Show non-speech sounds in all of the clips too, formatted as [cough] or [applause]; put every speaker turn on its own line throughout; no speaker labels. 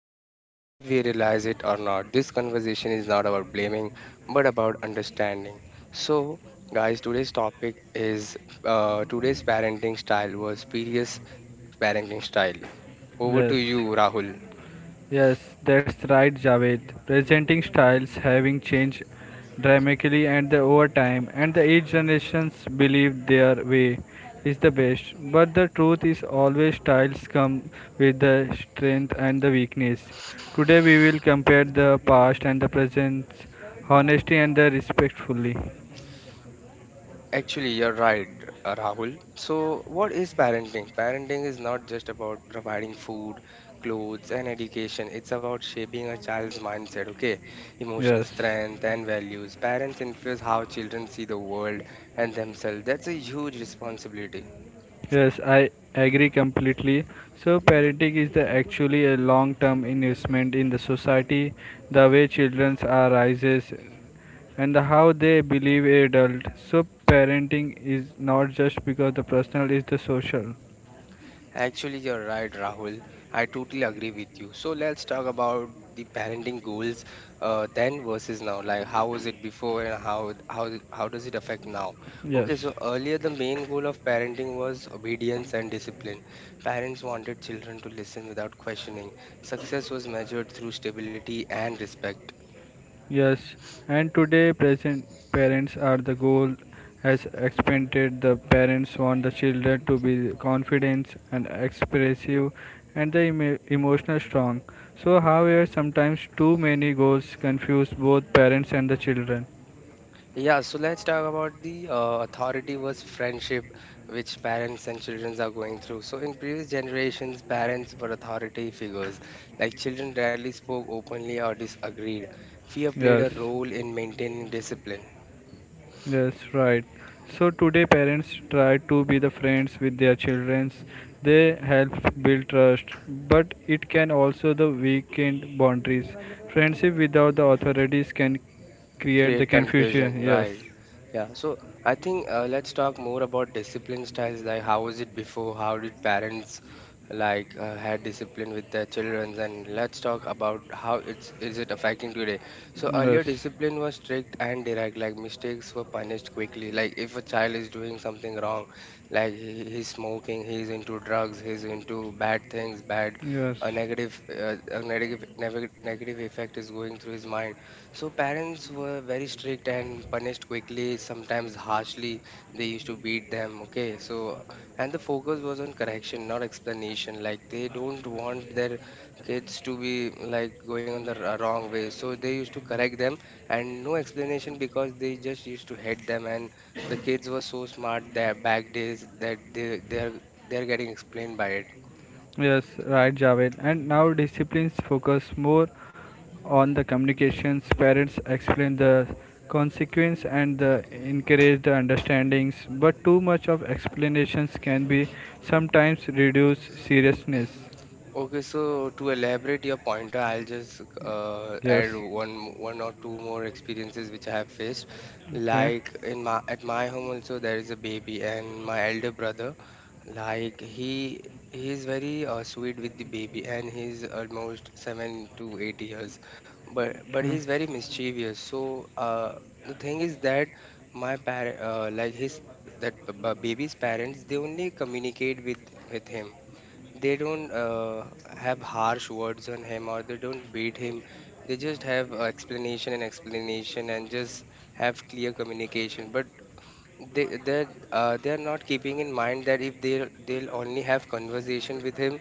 raised, whether we realize it or not. This conversation is not about blaming, but about understanding. So, guys, today's topic is today's parenting style was serious parenting style. Over to
Yes,
you, Rahul.
yes, that's right, Javed. Presenting styles having changed dramatically and the over time, and the each generations believe their way is the best. But the truth is always styles come with the strength and the weakness. Today we will compare the past and the present, honesty and the respectfully.
Actually, you're right, Rahul. So, what is parenting? Parenting is not just about providing food, clothes, and education. It's about shaping a child's mindset, okay? Emotional
Yes.
strength and values. Parents influence how children see the world and themselves. That's a huge responsibility.
Yes, I agree completely. So, parenting is the actually a long term investment in the society, the way children are rises, and the how they believe adult. So, parenting is not just because the personal is the social.
Actually, you're right, Rahul. I totally agree with you. So let's talk about the parenting goals, then versus now. Like how was it before and how does it affect now?
Yes.
Okay, so earlier the main goal of parenting was obedience and discipline. Parents wanted children to listen without questioning. Success was measured through stability and respect.
Yes, and today present parents are the goal has expanded. The parents want the children to be confident and expressive and the emotional strong. So however sometimes too many goals confuse both parents and the children.
Yeah, so let's talk about the authority versus friendship, which parents and children are going through. So, in previous generations, parents were authority figures. Like, children rarely spoke openly or disagreed. Fear played
Yes.
a role in maintaining discipline.
Yes, right. So today parents try to be the friends with their children. They help build trust, but it can also the weaken boundaries. Friendship without the authorities can create the
Create
confusion.
confusion,
Yes.
right? Yeah. So I think let's talk more about discipline styles. Like, how was it before? How did parents like had discipline with their children? And let's talk about how it's is it affecting today. So earlier,
Yes.
discipline was strict and direct. Like mistakes were punished quickly. Like if a child is doing something wrong, like he's smoking, he's into drugs, he's into bad things, bad.
Yes.
A negative, negative effect is going through his mind, so parents were very strict and punished quickly, sometimes harshly. They used to beat them, okay? So, and the focus was on correction, not explanation. Like they don't want their kids to be like going on the wrong way. So they used to correct them and no explanation because they just used to hate them. And the kids were so smart that back days that they're getting explained by it.
Yes, right, Javed. And now disciplines focus more on the communications. Parents explain the consequence and the encourage the understandings, but too much of explanations can be sometimes reduce seriousness.
Okay, so to elaborate your pointer, I'll just
Yes.
add one or two more experiences which I have faced.
Okay.
Like in my at my home also there is a baby and my elder brother, like he is very sweet with the baby and he's almost 7 to 8 years, but
Okay.
he's very mischievous. So the thing is that my parent like his that b- b- baby's parents they only communicate with him, they don't have harsh words on him or they don't beat him, they just have explanation and explanation and just have clear communication, but they they they are not keeping in mind that if they'll only have conversation with him,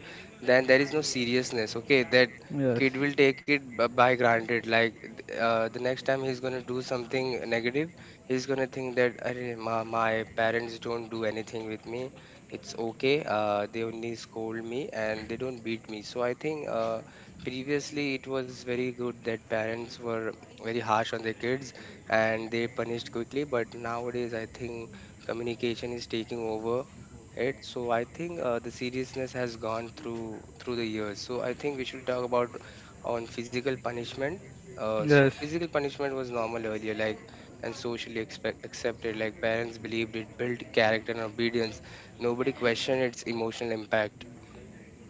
then there is no seriousness, okay, that
Yes.
kid will take it by granted, like the next time he's going to do something negative, he's going to think that Arre, my parents don't do anything with me, it's okay, they only scold me and they don't beat me. So I think previously it was very good that parents were very harsh on their kids and they punished quickly. But nowadays, I think communication is taking over it. So I think the seriousness has gone through the years. So I think we should talk about on physical punishment. So
Yes.
physical punishment was normal earlier, like and socially accepted. Like parents believed it built character and obedience. Nobody questioned its emotional impact.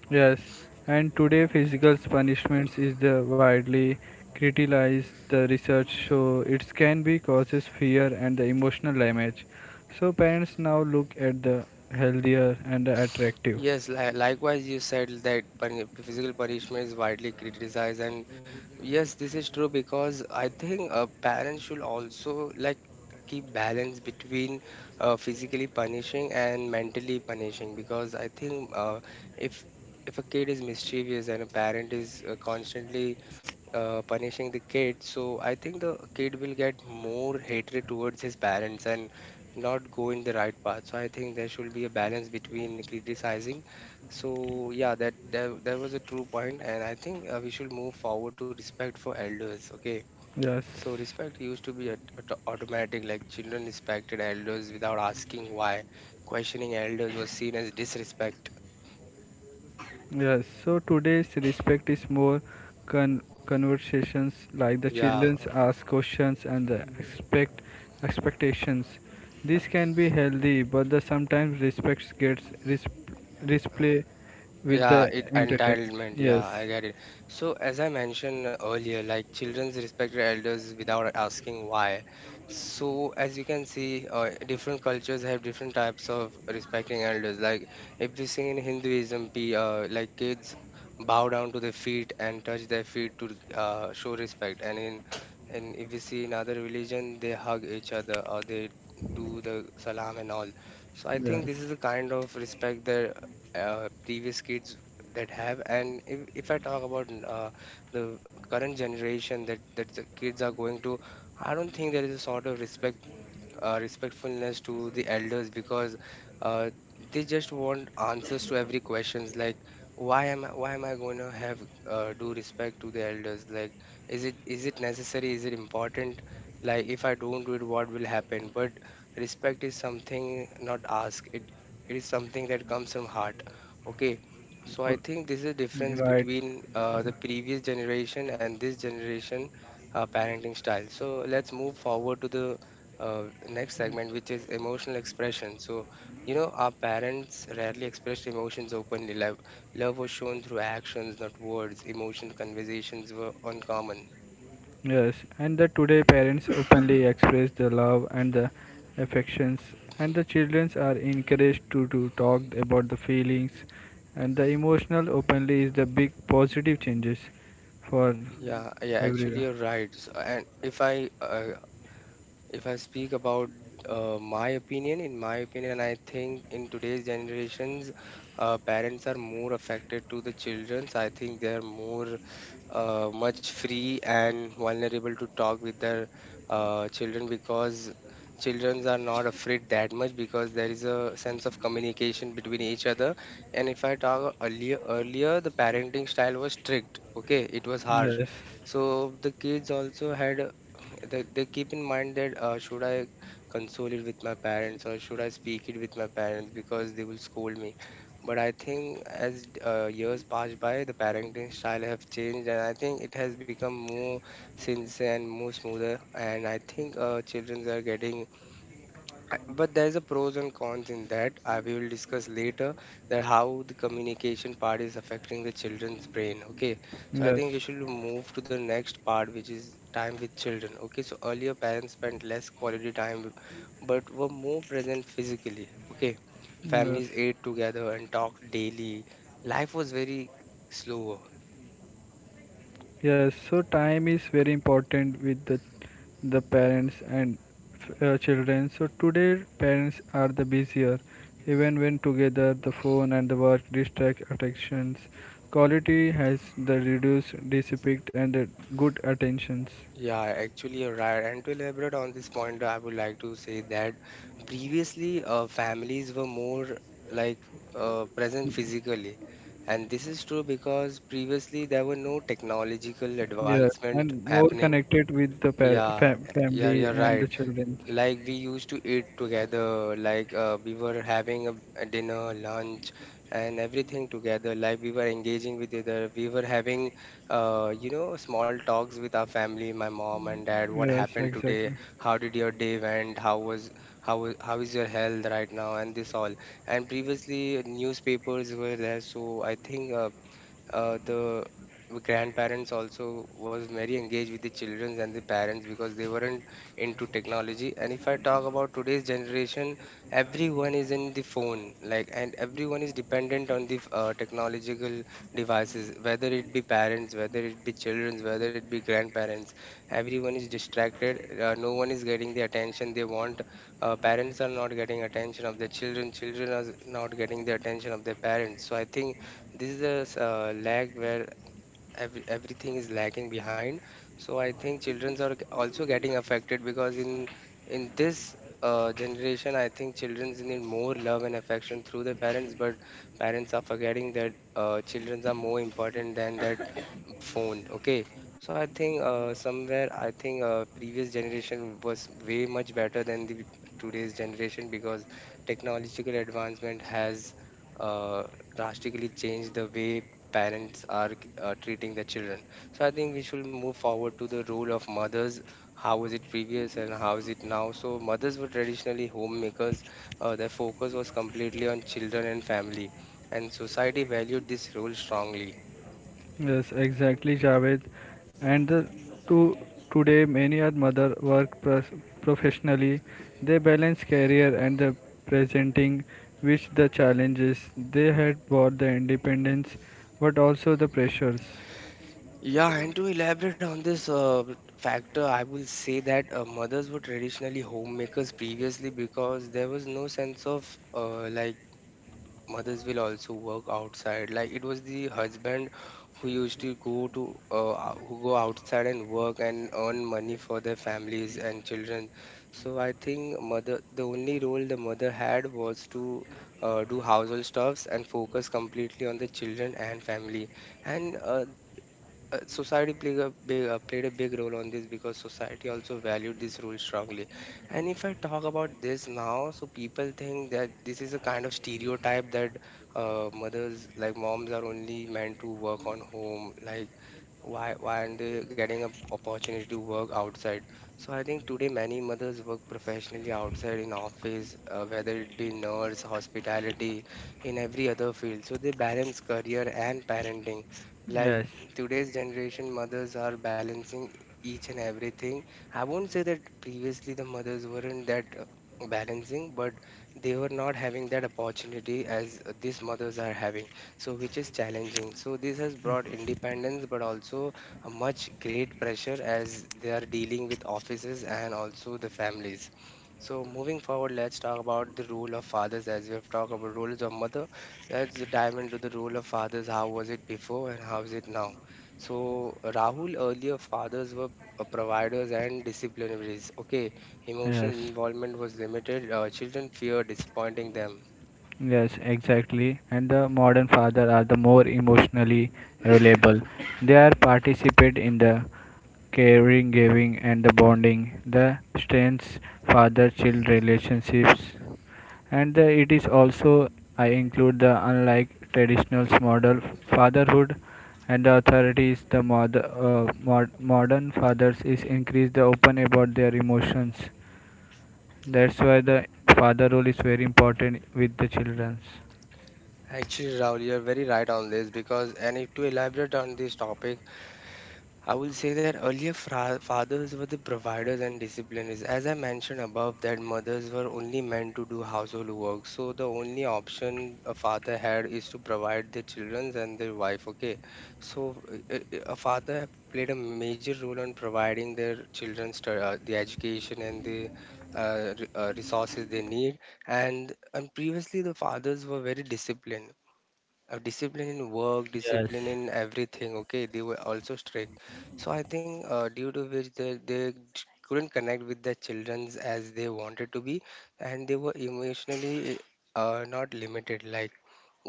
Yes, and today physical punishments is the widely criticized. The research show it can be causes fear and the emotional damage. So parents now look at the healthier and the attractive.
Yes, li likewise, you said that puni physical punishment is widely criticized, and yes, this is true because I think parents should also like keep balance between physically punishing and mentally punishing, because I think if a kid is mischievous and a parent is constantly punishing the kid, so I think the kid will get more hatred towards his parents and not go in the right path. So I think there should be a balance between criticizing. So yeah, that was a true point, and I think we should move forward to respect for elders. Okay,
Yes.
so respect used to be automatic, like children respected elders without asking why. Questioning elders was seen as disrespect.
Yes, so today's respect is more conversations like the
Yeah.
childrens ask questions and the expect expectations. This can be healthy, but the sometimes respect gets display with the
Yeah, it
entertainment.
entitlement. Yeah,
Yes,
I get it. So, as I mentioned earlier, like children respect their elders without asking why. So, as you can see, different cultures have different types of respecting elders. Like, if we see in Hinduism, be like kids bow down to their feet and touch their feet to show respect. And in and if we see in other religion, they hug each other or they do the salam and all. So I think
yes,
this is the kind of respect that previous kids that have, and if I talk about the current generation that the kids are going to, I don't think there is a sort of respect, respectfulness to the elders, because uh, they just want answers to every questions, like why am I going to have do respect to the elders, like is it necessary, is it important, like if I don't do it what will happen? But respect is something not asked, it is something that comes from heart, okay? So I
Oh,
think this is a difference
right.
between the previous generation and this generation parenting style. So let's move forward to the next segment, which is emotional expression. So, you know, our parents rarely expressed emotions openly. Love was shown through actions, not words. Emotional conversations were uncommon.
Yes, and the today parents openly express the love and the affections, and the children are encouraged to talk about the feelings, and the emotional openly is the big positive changes for
Yeah, actually,
everywhere.
you're right. So, and if I If I speak about my opinion, in my opinion, I think in today's generations, parents are more affected to the childrens. I think they are more much free and vulnerable to talk with their children, because children are not afraid that much because there is a sense of communication between each other. And if I talk earlier the parenting style was strict. Okay, it was harsh.
Yes,
So the kids also had they keep in mind that should I console it with my parents or should I speak it with my parents, because they will scold me. But I think as years pass by, the parenting style have changed, and I think it has become more sincere and more smoother. And I think children are getting, but there's a pros and cons in that, I we will discuss later, that how the communication part is affecting the children's brain, okay? So I
yes,
think we should move to the next part, which is time with children. Okay, so earlier parents spent less quality time but were more present physically, okay?
yes.
Families ate together and talked daily, life was very slower.
Yes, so time is very important with the parents and children. So today parents are the busier, even when together the phone and the work distract attentions. Quality has the reduced dissipate and the good attentions.
Yeah, actually, you're right. And to elaborate on this point, I would like to say that previously, families were more like present physically. And this is true because previously there were no technological
Yeah,
advancement
and more
happening.
connected with the
Yeah, yeah, you're
family and
right,
the children.
like we used to eat together, like we were having a dinner lunch and everything together, like we were engaging with other, we were having you know small talks with our family, my mom and dad, what
Yes,
happened today,
exactly.
how did your day went, how how is your health right now, and this all. And previously newspapers were there, so I think the grandparents also was very engaged with the children and the parents because they weren't into technology. And if I talk about today's generation, everyone is in the phone, like and everyone is dependent on the technological devices, whether it be parents, whether it be children, whether it be grandparents, everyone is distracted, no one is getting the attention they want, parents are not getting attention of their children, children are not getting the attention of their parents. So I think this is a lag where everything is lagging behind. So I think children are also getting affected, because in this generation I think children need more love and affection through their parents, but parents are forgetting that children are more important than that phone. Okay, so I think somewhere I think previous generation was way much better than the today's generation, because technological advancement has uh, drastically changed the way parents are treating their children. So I think we should move forward to the role of mothers. How was it previous and how is it now? So mothers were traditionally homemakers. Their focus was completely on children and family, and society valued this role strongly.
Yes, exactly, Javed. And the, to today, many are mother work professionally. They balance career and the presenting, which the challenges they had brought the independence, but also the pressures.
Yeah, and to elaborate on this factor, I will say that mothers were traditionally homemakers previously because there was no sense of like mothers will also work outside. Like it was the husband who used to go to who go outside and work and earn money for their families and children. So I think mother the only role the mother had was to do household stuffs and focus completely on the children and family and society played a big role on this because society also valued this rule strongly. And if I talk about this now, so people think that this is a kind of stereotype that mothers, like moms, are only meant to work on home, like why aren't they getting an opportunity to work outside. So I think today many mothers work professionally outside in office, whether it be nurse, hospitality, in every other field. So they balance career and parenting, like
Yes,
today's generation mothers are balancing each and everything. I won't say that previously the mothers weren't that balancing, but they were not having that opportunity as these mothers are having, so which is challenging. So this has brought independence, but also a much great pressure as they are dealing with offices and also the families. So moving forward, let's talk about the role of fathers as we have talked about roles of mother. Let's dive into the role of fathers. How was it before and how is it now? So Rahul, earlier fathers were providers and disciplinaries. Okay, emotional
yes.
involvement was limited. Children feared disappointing them.
Yes, exactly. And the modern father are the more emotionally available. They are participate in the caring, giving, and the bonding. The strengths father-child relationships and the, it is also I include the unlike traditional model fatherhood and the authorities the modern fathers is increase the open about their emotions, that's why the father role is very important with the childrens.
Actually, Rahul, you're very right on this because, and if to elaborate on this topic, I will say that earlier fathers were the providers and disciplinaries. As I mentioned above, that mothers were only meant to do household work. So the only option a father had is to provide the children and their wife. Okay, so a father played a major role in providing their children the education and the resources they need. And previously the fathers were very disciplined, discipline in work, discipline
Yes.
in everything. Okay, they were also strict. So I think due to which they couldn't connect with their children as they wanted to be, and they were emotionally not limited. Like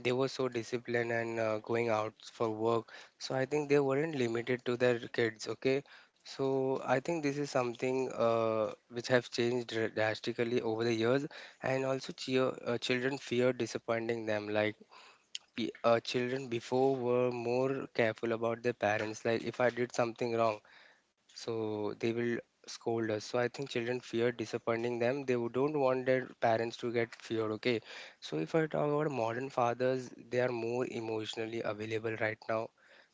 they were so disciplined and going out for work. So I think they weren't limited to their kids. Okay. So I think this is something which have changed drastically over the years, and also children fear disappointing them. Like children before were more careful about their parents. Like if I did something wrong, so they will scold us. So I think children fear disappointing them. Don't want their parents to get feared. Okay. So if I talk about modern fathers, they are more emotionally available right now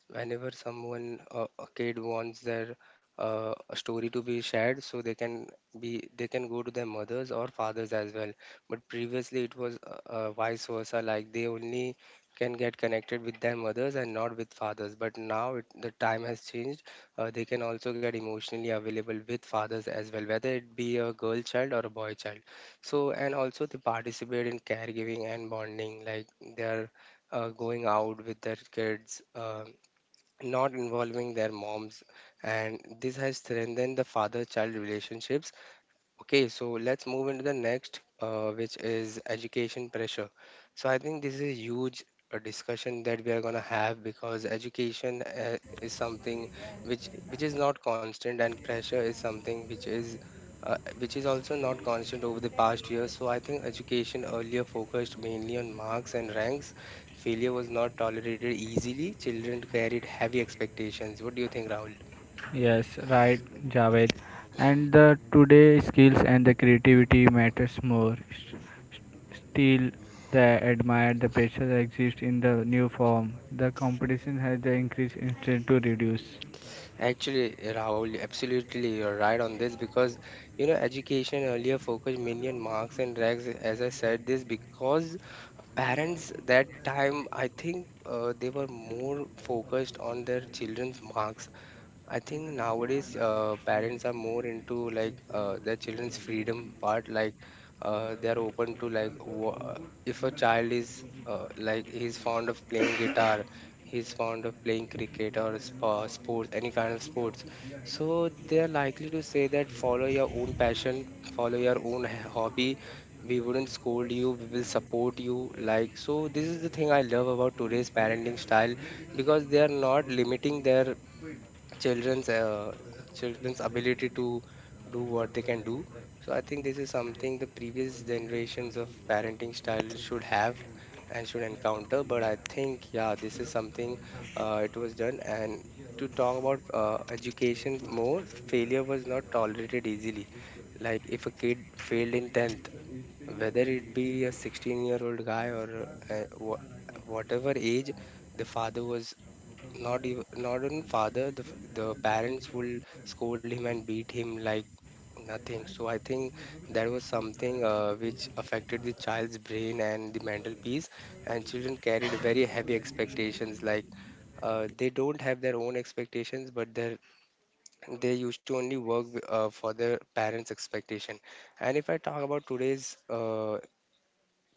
whenever someone a kid wants their a story to be shared, so they can go to their mothers or fathers as well. But previously it was vice versa, like they only can get connected with their mothers and not with fathers, but now the time has changed. They can also get emotionally available with fathers as well, whether it be a girl child or a boy child. So and also they participate in caregiving and bonding, like they are going out with their kids. Not involving their moms, and this has strengthened the father child relationships. Okay, so let's move into the next, which is education pressure. So I think this is a huge discussion that we are gonna have because education is something which is not constant, and pressure is something which is also not constant over the past years. So I think education earlier focused mainly on marks and ranks. Failure was not tolerated easily. Children carried heavy expectations. What do you think, Rahul?
Yes, right, Javed. And the today skills and the creativity matters more. Still, the admire the pressure that exists in the new form. The competition has the increased instinct to reduce.
Actually, Rahul, absolutely you're right on this because you know education earlier focused mainly on marks and ranks. As I said this, because parents that time I think they were more focused on their children's marks. I think nowadays parents are more into like their children's freedom part. Like they are open to like if a child is like he's fond of playing guitar, he's fond of playing cricket, or sports, any kind of sports. So they are likely to say that follow your own passion, follow your own hobby. We wouldn't scold you. We will support you. Like so, this is the thing I love about today's parenting style because they are not limiting their children's uh, children's ability to do what they can do. So I think this is something the previous generations of parenting style should have and should encounter, but I think yeah, this is something it was done. And to talk about education more, failure was not tolerated easily. Like if a kid failed in 10th, whether it be a 16-year-old guy or whatever age, the father was not even father, the parents will scold him and beat him like nothing. So I think that was something which affected the child's brain and the mental peace, and children carried very heavy expectations. Like they don't have their own expectations, but they used to only work for their parents expectation. And if I talk about today's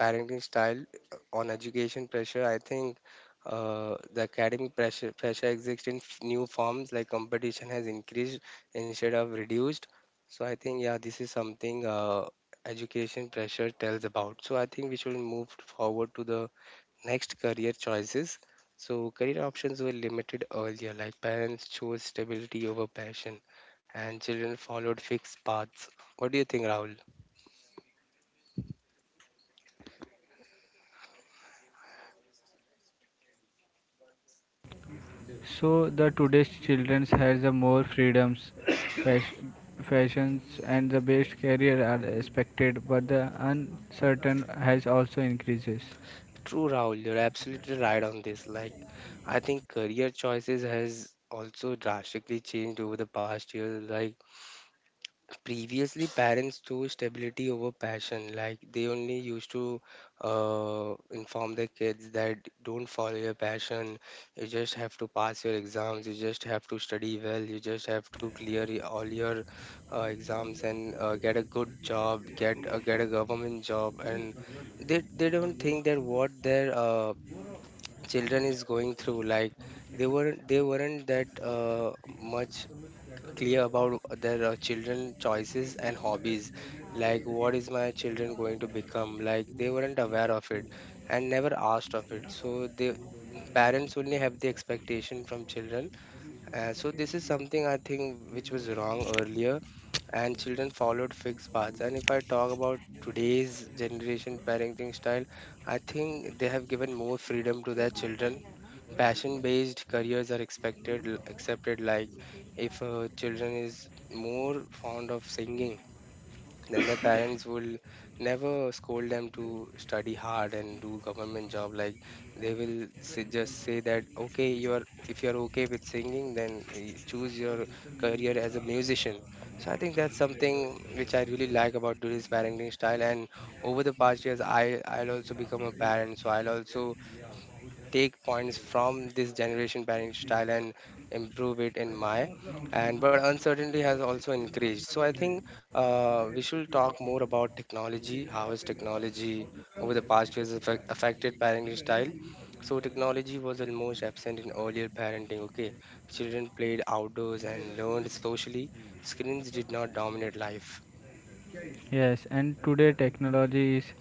parenting style on education pressure, I think the academic pressure exists in new forms, like competition has increased instead of reduced. So I think yeah, this is something education pressure tells about. So I think we should move forward to the next, career choices. So career options were limited earlier, like parents chose stability over passion, and children followed fixed paths. What do you think, Rahul?
So the today's children has the more freedoms, [coughs] fash- fashions, and the best career are expected, but the uncertain has also increases.
True, Rahul, you're absolutely right on this. Like, I think career choices has also drastically changed over the past year. Like, previously, parents chose stability over passion. Like, they only used to inform their kids that don't follow your passion. You just have to pass your exams. You just have to study well. You just have to clear all your exams and get a good job, get a government job, and they don't think that what their children is going through. Like they weren't that much clear about their children choices and hobbies, like what is my children going to become. Like they weren't aware of it and never asked of it. So they, parents only have the expectation from children. So this is something I think which was wrong earlier, and children followed fixed paths. And if I talk about today's generation parenting style, I think they have given more freedom to their children. Passion based careers are expected, accepted. Like if children is more fond of singing, then their parents will never scold them to study hard and do government job. Like they will say, just say that okay you are, if you are okay with singing, then choose your career as a musician. So I think that's something which I really like about today's parenting style. And over the past years, I'll also become a parent, so I'll also take points from this generation parenting style and improve it in my. And but uncertainty has also increased. So I think we should talk more about technology, how has technology over the past years affected parenting style. So technology was almost absent in earlier parenting. Okay, children played outdoors and learned socially. Screens did not dominate life.
Yes, and today technology is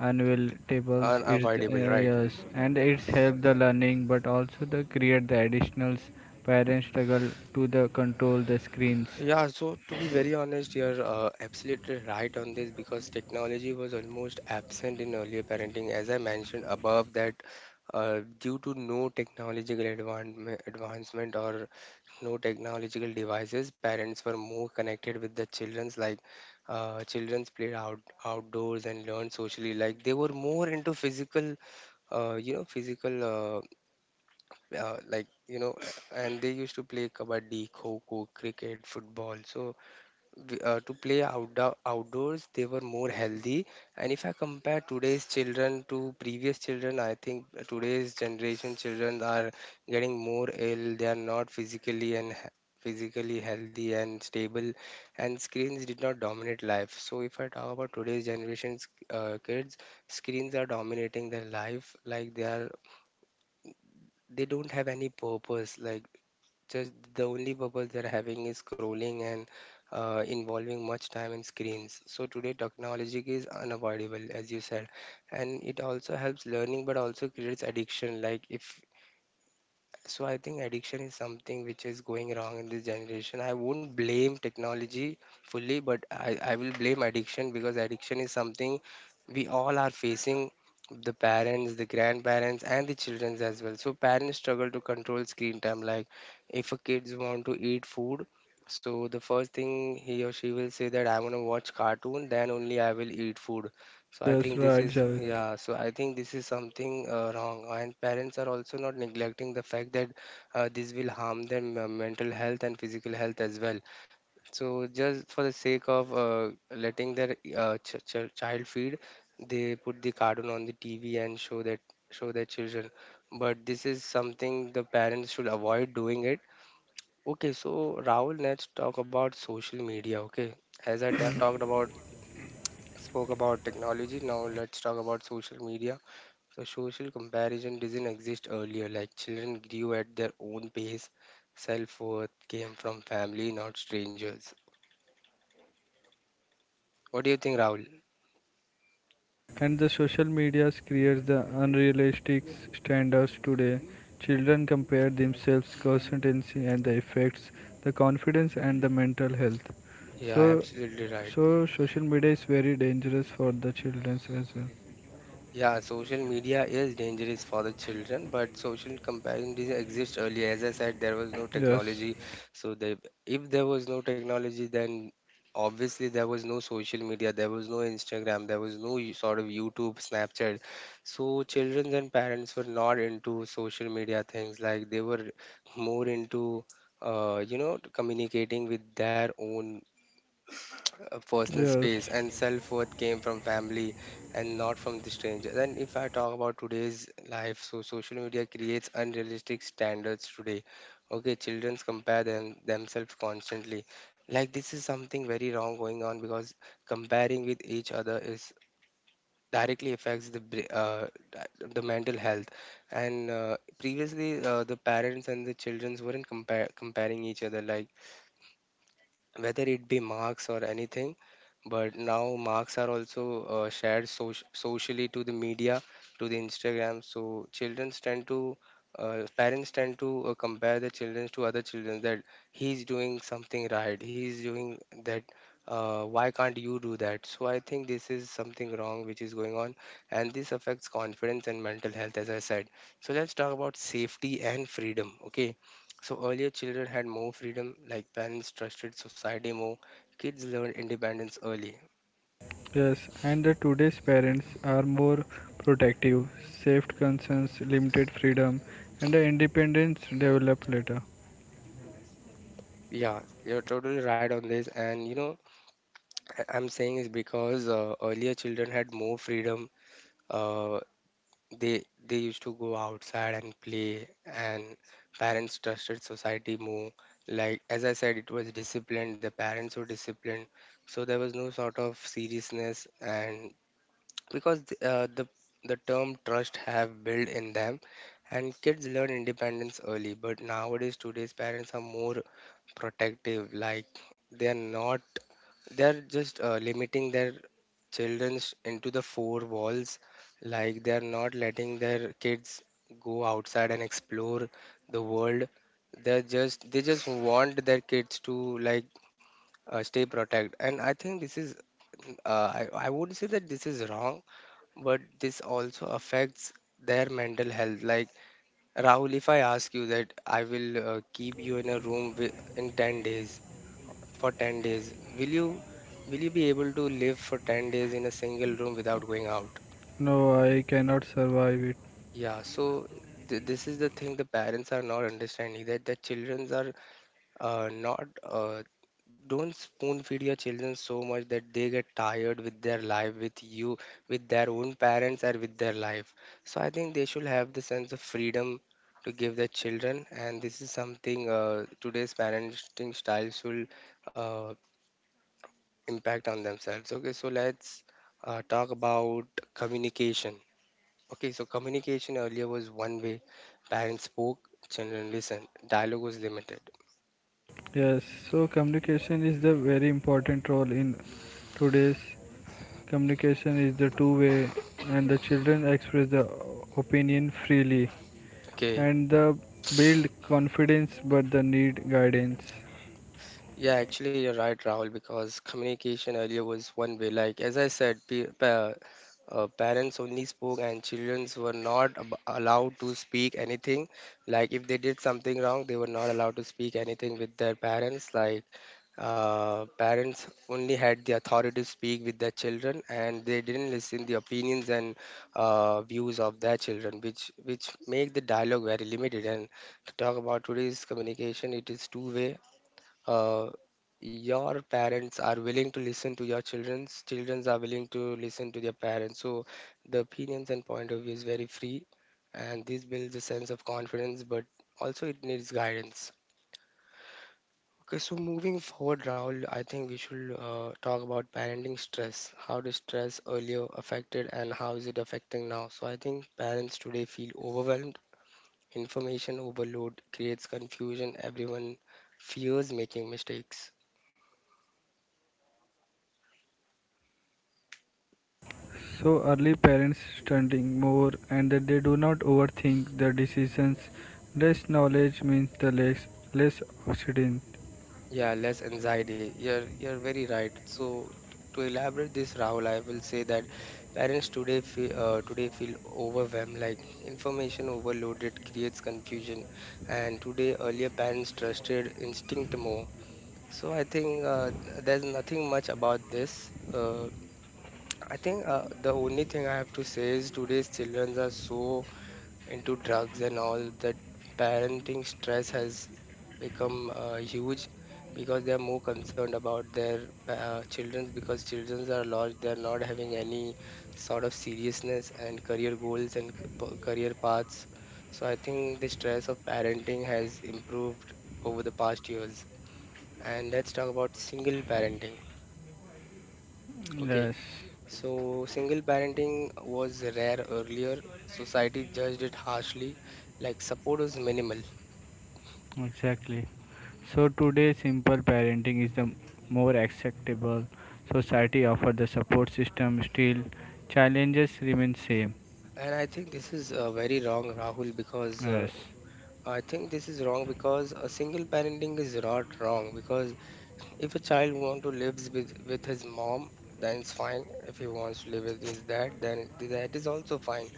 unavailable. It's
Unavoidable, right?
yes, and it's help the learning, but also the create the additionals. Parents struggle to the control the screens.
Yeah, so to be very honest, you're absolutely right on this because technology was almost absent in earlier parenting. As I mentioned above, that due to no technological advancement or no technological devices, parents were more connected with the children's. Like children's played out outdoors and learned socially. Like they were more into physical, physical. Like you know, and they used to play kabaddi, kho kho, cricket, football. So to play outdoors they were more healthy. And if I compare today's children to previous children, I think today's generation children are getting more ill. They are not physically and physically healthy and stable. And screens did not dominate life. So if I talk about today's generation's kids, screens are dominating their life. Like they are, they don't have any purpose. Like just the only purpose they're having is scrolling and involving much time in screens. So today technology is unavoidable, as you said, and it also helps learning, but also creates addiction. Like if So I think addiction is something which is going wrong in this generation. I won't blame technology fully, but I will blame addiction, because addiction is something we all are facing: the parents, the grandparents, and the children as well. So parents struggle to control screen time. Like if a kids want to eat food, so the first thing he or she will say that I want to watch cartoon, then only I will eat food. So I
Yes,
think this
right,
is
Javed.
yeah. So I think this is something wrong, and parents are also not neglecting the fact that this will harm their mental health and physical health as well. So just for the sake of letting their child feed, they put the cartoon on the TV and show their children. But this is something the parents should avoid doing it. Okay, so Rahul, let's talk about social media. Okay, as I talked about, spoke about technology, now let's talk about social media. So social comparison didn't exist earlier. Like children grew at their own pace, self-worth came from family, not strangers. What do you think, Rahul?
And the social medias creates the unrealistic standards today. Children compare themselves constantly and the effects, the confidence and the mental health.
Yeah,
So
absolutely right.
so social media is very dangerous for the children as well.
Yeah, social media is dangerous for the children, but social comparison didn't exist earlier. As I said, there was no
Yes.
technology, so they, if there was no technology, then obviously there was no social media, there was no Instagram, there was no sort of YouTube, Snapchat. So children and parents were not into social media things. Like they were more into, communicating with their own personal
Yes,
space, and self-worth came from family and not from the stranger. Then if I talk about today's life, so social media creates unrealistic standards today. Okay, children compare themselves constantly. Like this is something very wrong going on, because comparing with each other is directly affects the the mental health. And previously the parents and the children weren't comparing each other, like whether it be marks or anything. But now marks are also shared socially to the media, to the Instagram. So children tend to parents tend to compare the children to other children that he's doing something right, he's doing that, why can't you do that? So I think this is something wrong which is going on, and this affects confidence and mental health, as I said. So let's talk about safety and freedom. Okay, so earlier children had more freedom. Like parents trusted society more. Kids learn independence early.
yes, and the today's parents are more protective, safety concerns, limited freedom, and the independence develop later.
Yeah, you're totally right on this. And you know, I'm saying is because earlier children had more freedom. Uh, they used to go outside and play, and parents trusted society more. Like as I said, it was disciplined. The parents were disciplined, so there was no sort of seriousness. And because th- uh, the the term trust have built in them, and kids learn independence early. But nowadays today's parents are more protective. Like they are not, they're just limiting their children into the four walls. Like they are not letting their kids go outside and explore the world. They're just they just want their kids to like stay protect, and I think this is uh, I would say that this is wrong, but this also affects their mental health. Like Rahul, if I ask you that I will keep you in a room wi- in 10 days, for 10 days, will you be able to live for 10 days in a single room without going out?
No, I cannot survive it.
Yeah, so this is the thing the parents are not understanding, that the children are not don't spoon feed your children so much that they get tired with their life, with you, with their own parents, or with their life. So I think they should have the sense of freedom to give their children, and this is something today's parenting style should uh, impact on themselves. Okay, so let's talk about communication. Okay, so communication earlier was one way. Parents spoke, children listened, dialogue was limited.
Yes, so communication is the very important role in today's communication is the two way and the children express the opinion freely
Okay.
and the build confidence but the need guidance.
Yeah, actually, you're right, Rahul, because communication earlier was one way. Like, as I said, parents only spoke, and children were not allowed to speak anything. Like, if they did something wrong, they were not allowed to speak anything with their parents. Like, parents only had the authority to speak with their children, and they didn't listen the opinions and views of their children, which make the dialogue very limited. And to talk about today's communication, it is two way. uh, your parents are willing to listen to your children's are willing to listen to their parents. So the opinions and point of view is very free, and this builds a sense of confidence, but also it needs guidance. Okay, so moving forward, Rahul, I think we should talk about parenting stress. How does stress earlier affected and how is it affecting now? So I think parents today feel overwhelmed, information overload creates confusion, everyone fears making mistakes.
So early parents studying more and that they do not overthink the decisions. Less knowledge means the less accident.
Yeah, less anxiety. You're very right. So to elaborate this, Rahul, I will say that parents today feel overwhelmed. Like information overloaded creates confusion, and today earlier parents trusted instinct more. So I think there's nothing much about this. I think the only thing I have to say is today's children are so into drugs and all that parenting stress has become huge, because they are more concerned about their children, because children are lost, they are not having any sort of seriousness and career goals and career paths. So I think the stress of parenting has improved over the past years. And let's talk about single parenting. Okay,
Yes,
so single parenting was rare earlier, society judged it harshly, like support was minimal.
exactly. So today, simple parenting is the more acceptable. Society offer the support system. Still, challenges remain same.
And I think this is very wrong, Rahul, because
Yes,
I think this is wrong because a single parenting is not wrong. Because if a child wants to live with his mom, then it's fine. If he wants to live with his dad, then that is also fine.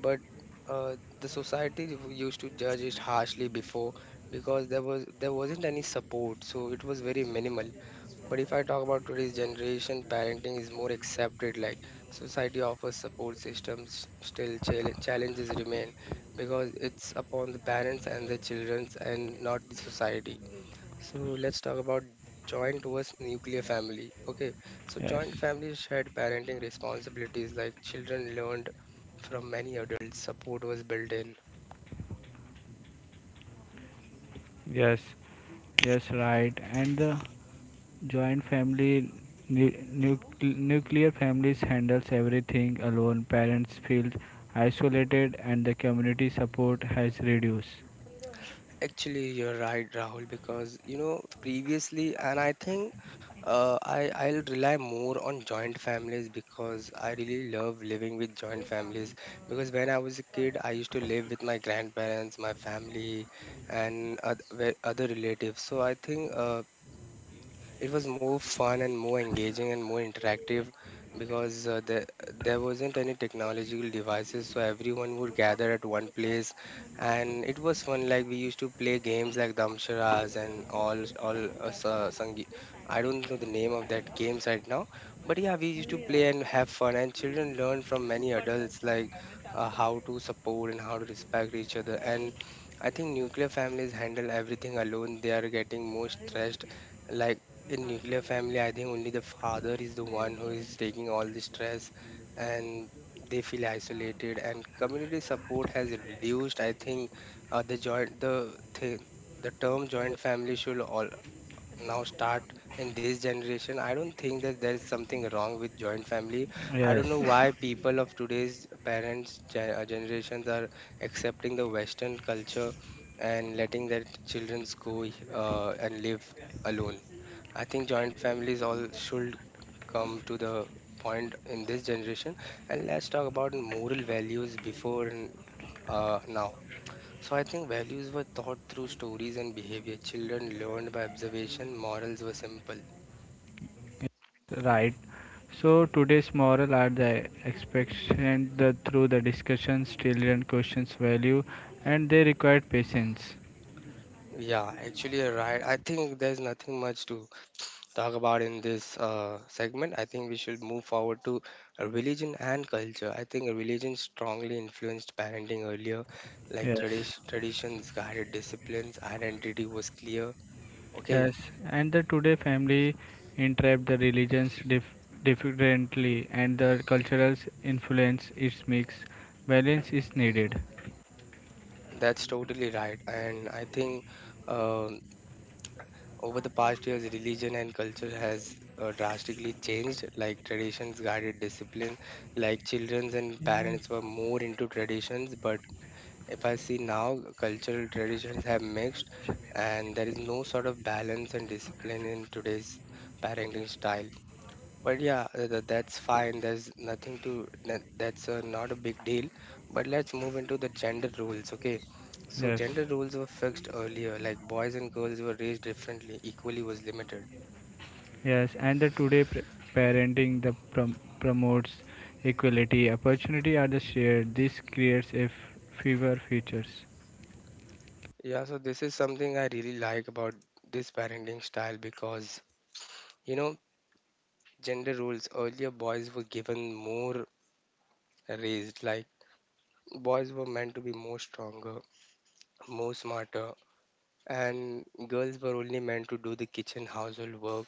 But the society used to judge it harshly before, because there was, there wasn't any support, so it was very minimal. But if I talk about today's generation, parenting is more accepted. Like society offers support systems, still challenges remain, because it's upon the parents and the children and not the society. So let's talk about joint versus nuclear family. Okay, so
yes.
joint families shared parenting responsibilities. Like children learned from many adults, support was built in.
Yes, yes, right. And the joint family nu- nuclear families handles everything alone. Parents feel isolated and the community support has reduced.
Actually, you're right, Rahul, because you know previously, and I think I'll rely more on joint families because I really love living with joint families. Because when I was a kid, I used to live with my grandparents, my family, and other relatives. So I think it was more fun and more engaging and more interactive, because there wasn't any technological devices, so everyone would gather at one place. And it was fun. Like we used to play games like damsharas and all sa- sangi, I don't know the name of that games right now. But yeah, we used to play and have fun, and children learn from many adults, like how to support and how to respect each other. And I think nuclear families handle everything alone. They are getting more stressed. Like in nuclear family, I think only the father is the one who is taking all the stress, and they feel isolated and community support has reduced. I think uh, the joint the th- the term joint family should all now start in this generation. I don't think that there is something wrong with joint family. I don't know
Yes,
why people of today's parents generations are accepting the western culture and letting their children go and live alone. I think joint families all should come to the point in this generation. And let's talk about moral values before and now. So I think values were taught through stories and behavior. Children learned by observation. Morals were simple.
right. So today's moral are the expectation that through the discussions children questions value and they require patience.
Yeah, actually, you're right. I think there's nothing much to talk about in this segment. I think we should move forward to religion and culture. I think religion strongly influenced parenting earlier, like
Yes.
traditions guided disciplines. Identity was clear. Okay,
Yes, and the today family interpret the religions differently, and the cultural influence is mixed. Balance is needed.
that's totally right. And I think. um Over the past years, religion and culture has drastically changed. Like traditions guided discipline, like children and parents were more into traditions. But if I see now, cultural traditions have mixed, and there is no sort of balance and discipline in today's parenting style. But yeah, that's fine. There's nothing to that, that's not a big deal. But let's move into the gender roles, okay? So
Yes,
gender roles were fixed earlier, like boys and girls were raised differently, equally was limited.
yes, and the today parenting the promotes equality. Opportunity are the shared. This creates a fewer futures.
Yeah, so this is something I really like about this parenting style because, you know, gender roles earlier boys were given more raised, like boys were meant to be more stronger, more smarter, and girls were only meant to do the kitchen household work.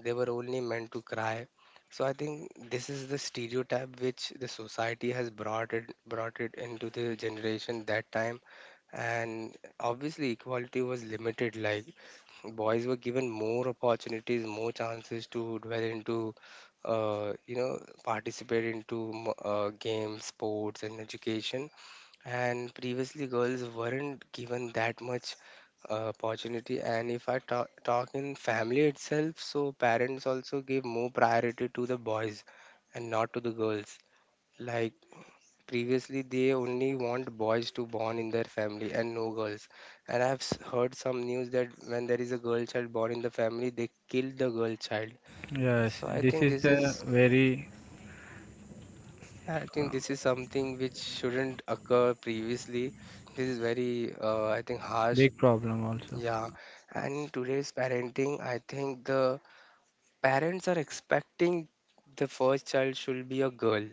They were only meant to cry. So I think this is the stereotype which the society has brought it into the generation that time. And obviously equality was limited, like boys were given more opportunities, more chances to dwell into, uh, you know participate into games, sports and education. And previously girls weren't given that much opportunity. And if I talk in family itself, so parents also give more priority to the boys and not to the girls. Like previously they only want boys to born in their family and no girls. And I've heard some news that when there is a girl child born in the family, they kill the girl child.
Yes,
So I
this
think
is
this is,
the very
I think this is something which shouldn't occur previously. This is very I think harsh.
big problem also.
Yeah, and today's parenting, I think the parents are expecting the first child should be a girl.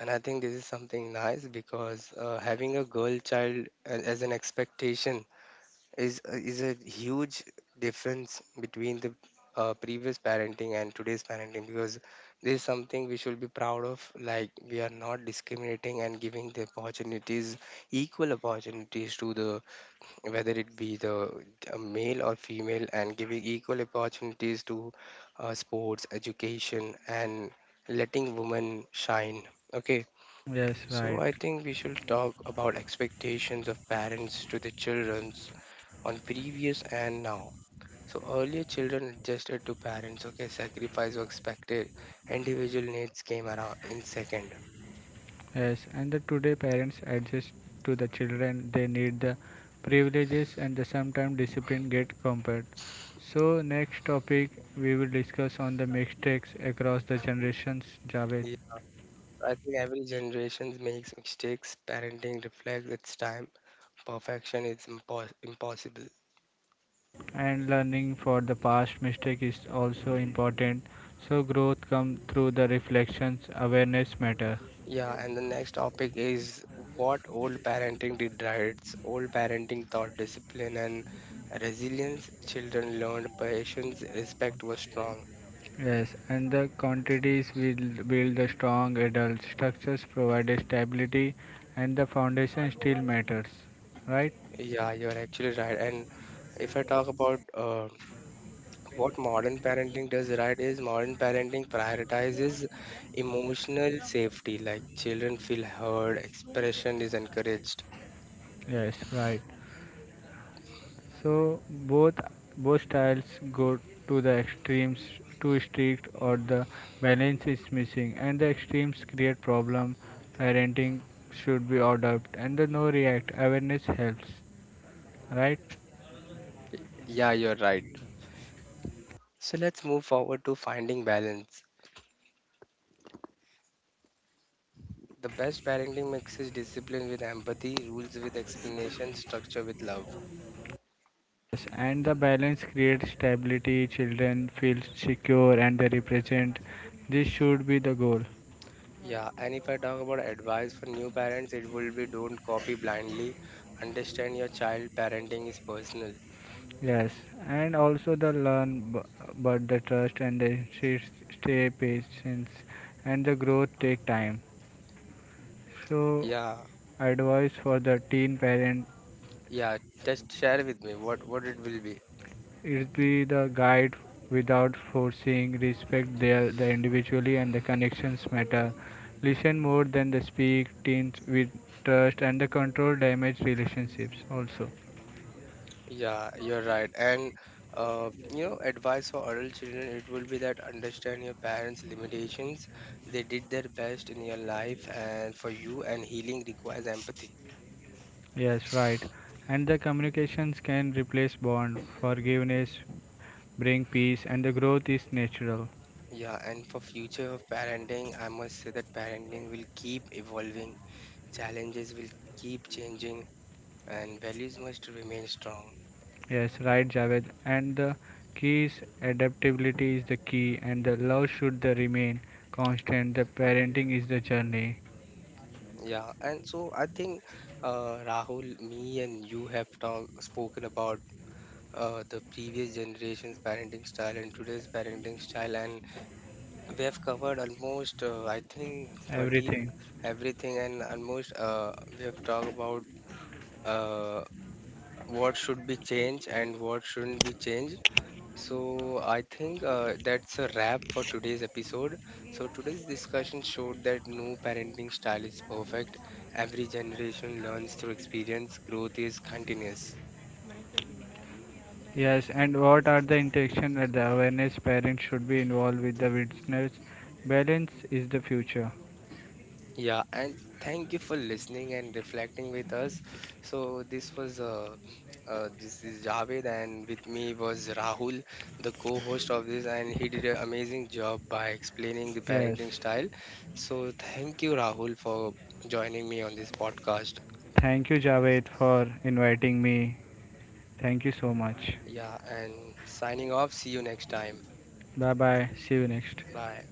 And I think this is something nice because having a girl child as an expectation is a huge difference between the previous parenting and today's parenting, because this is something we should be proud of. Like we are not discriminating and giving the opportunities, equal opportunities to the, whether it be the a male or female, and giving equal opportunities to sports, education, and letting women shine, okay?
Yes,
So
right.
I think we should talk about expectations of parents to the children's on previous and now. So earlier children adjusted to parents, okay, sacrifice was expected, individual needs came around in second.
Yes, and the today parents adjust to the children. They need the privileges and the sometimes discipline get compared. So next topic we will discuss on the mistakes across the generations, Javed.
Yeah, I think every generation makes mistakes, parenting reflects its time. Perfection is impossible.
And learning for the past mistake is also important. So growth come through the reflections, awareness matter.
Yeah, and the next topic is what old parenting did right. Old parenting taught discipline and resilience. Children learned patience, respect was strong.
Yes, and the quantities will build the strong adult structures provide stability and the foundation still matters. Right?
Yeah, you're actually right. And if I talk about what modern parenting does right is modern parenting prioritizes emotional safety, like children feel heard, expression is encouraged.
Yes, right. So both styles go to the extremes too strict or the balance is missing and the extremes create problem. Parenting should be adopt and the no react awareness helps. Right?
Yeah, so let's move forward to finding balance. The best parenting mixes discipline with empathy, rules with explanation, structure with love.
Yes, and the balance creates stability, children feel secure and they represent. This should be the goal.
Yeah, and if I talk about advice for new parents, it will be don't copy blindly. Understand your child, parenting is personal.
Yes, and also the learn but the trust and the stay patience and the growth take time. So
Yeah,
advice for the teen parent.
yeah, just share with me what it will be.
It be the guide without forcing respect their the individually and the connections matter. Listen more than the speak, tint with trust and the control damage relationships also.
Yeah, you're right. And advice for adult children, it will be that understand your parents' limitations. They did their best in your life and for you, and healing requires empathy.
Yes, right. And the communications can replace bond, forgiveness, bring peace and the growth is natural.
Yeah, and for future of parenting, I must say that parenting will keep evolving, challenges will keep changing, and values must remain strong.
Yes, right Javed. And the key is adaptability is the key and the love should the remain constant. The parenting is the journey.
Yeah, and so I think Rahul, me and you have talked spoken about the previous generation's parenting style and today's parenting style, and we have covered almost I think 30
Everything.
everything, and almost we have talked about uh, what should be changed and what shouldn't be changed. So I think that's a wrap for today's episode. So today's discussion showed that no parenting style is perfect. Every generation learns through experience. Growth is continuous.
Yes, and what are the interaction that the awareness parents should be involved with the witness? Balance is the future.
Yeah, and thank you for listening and reflecting with us. So this was this is Javed, and with me was Rahul, the co-host of this, and he did an amazing job by explaining the
Yes.
parenting style. So thank you, Rahul, for joining me on this podcast.
Thank you, Javed, for inviting me. Thank you so much.
Yeah, and signing off. See you next time.
Bye bye. See you next.
Bye.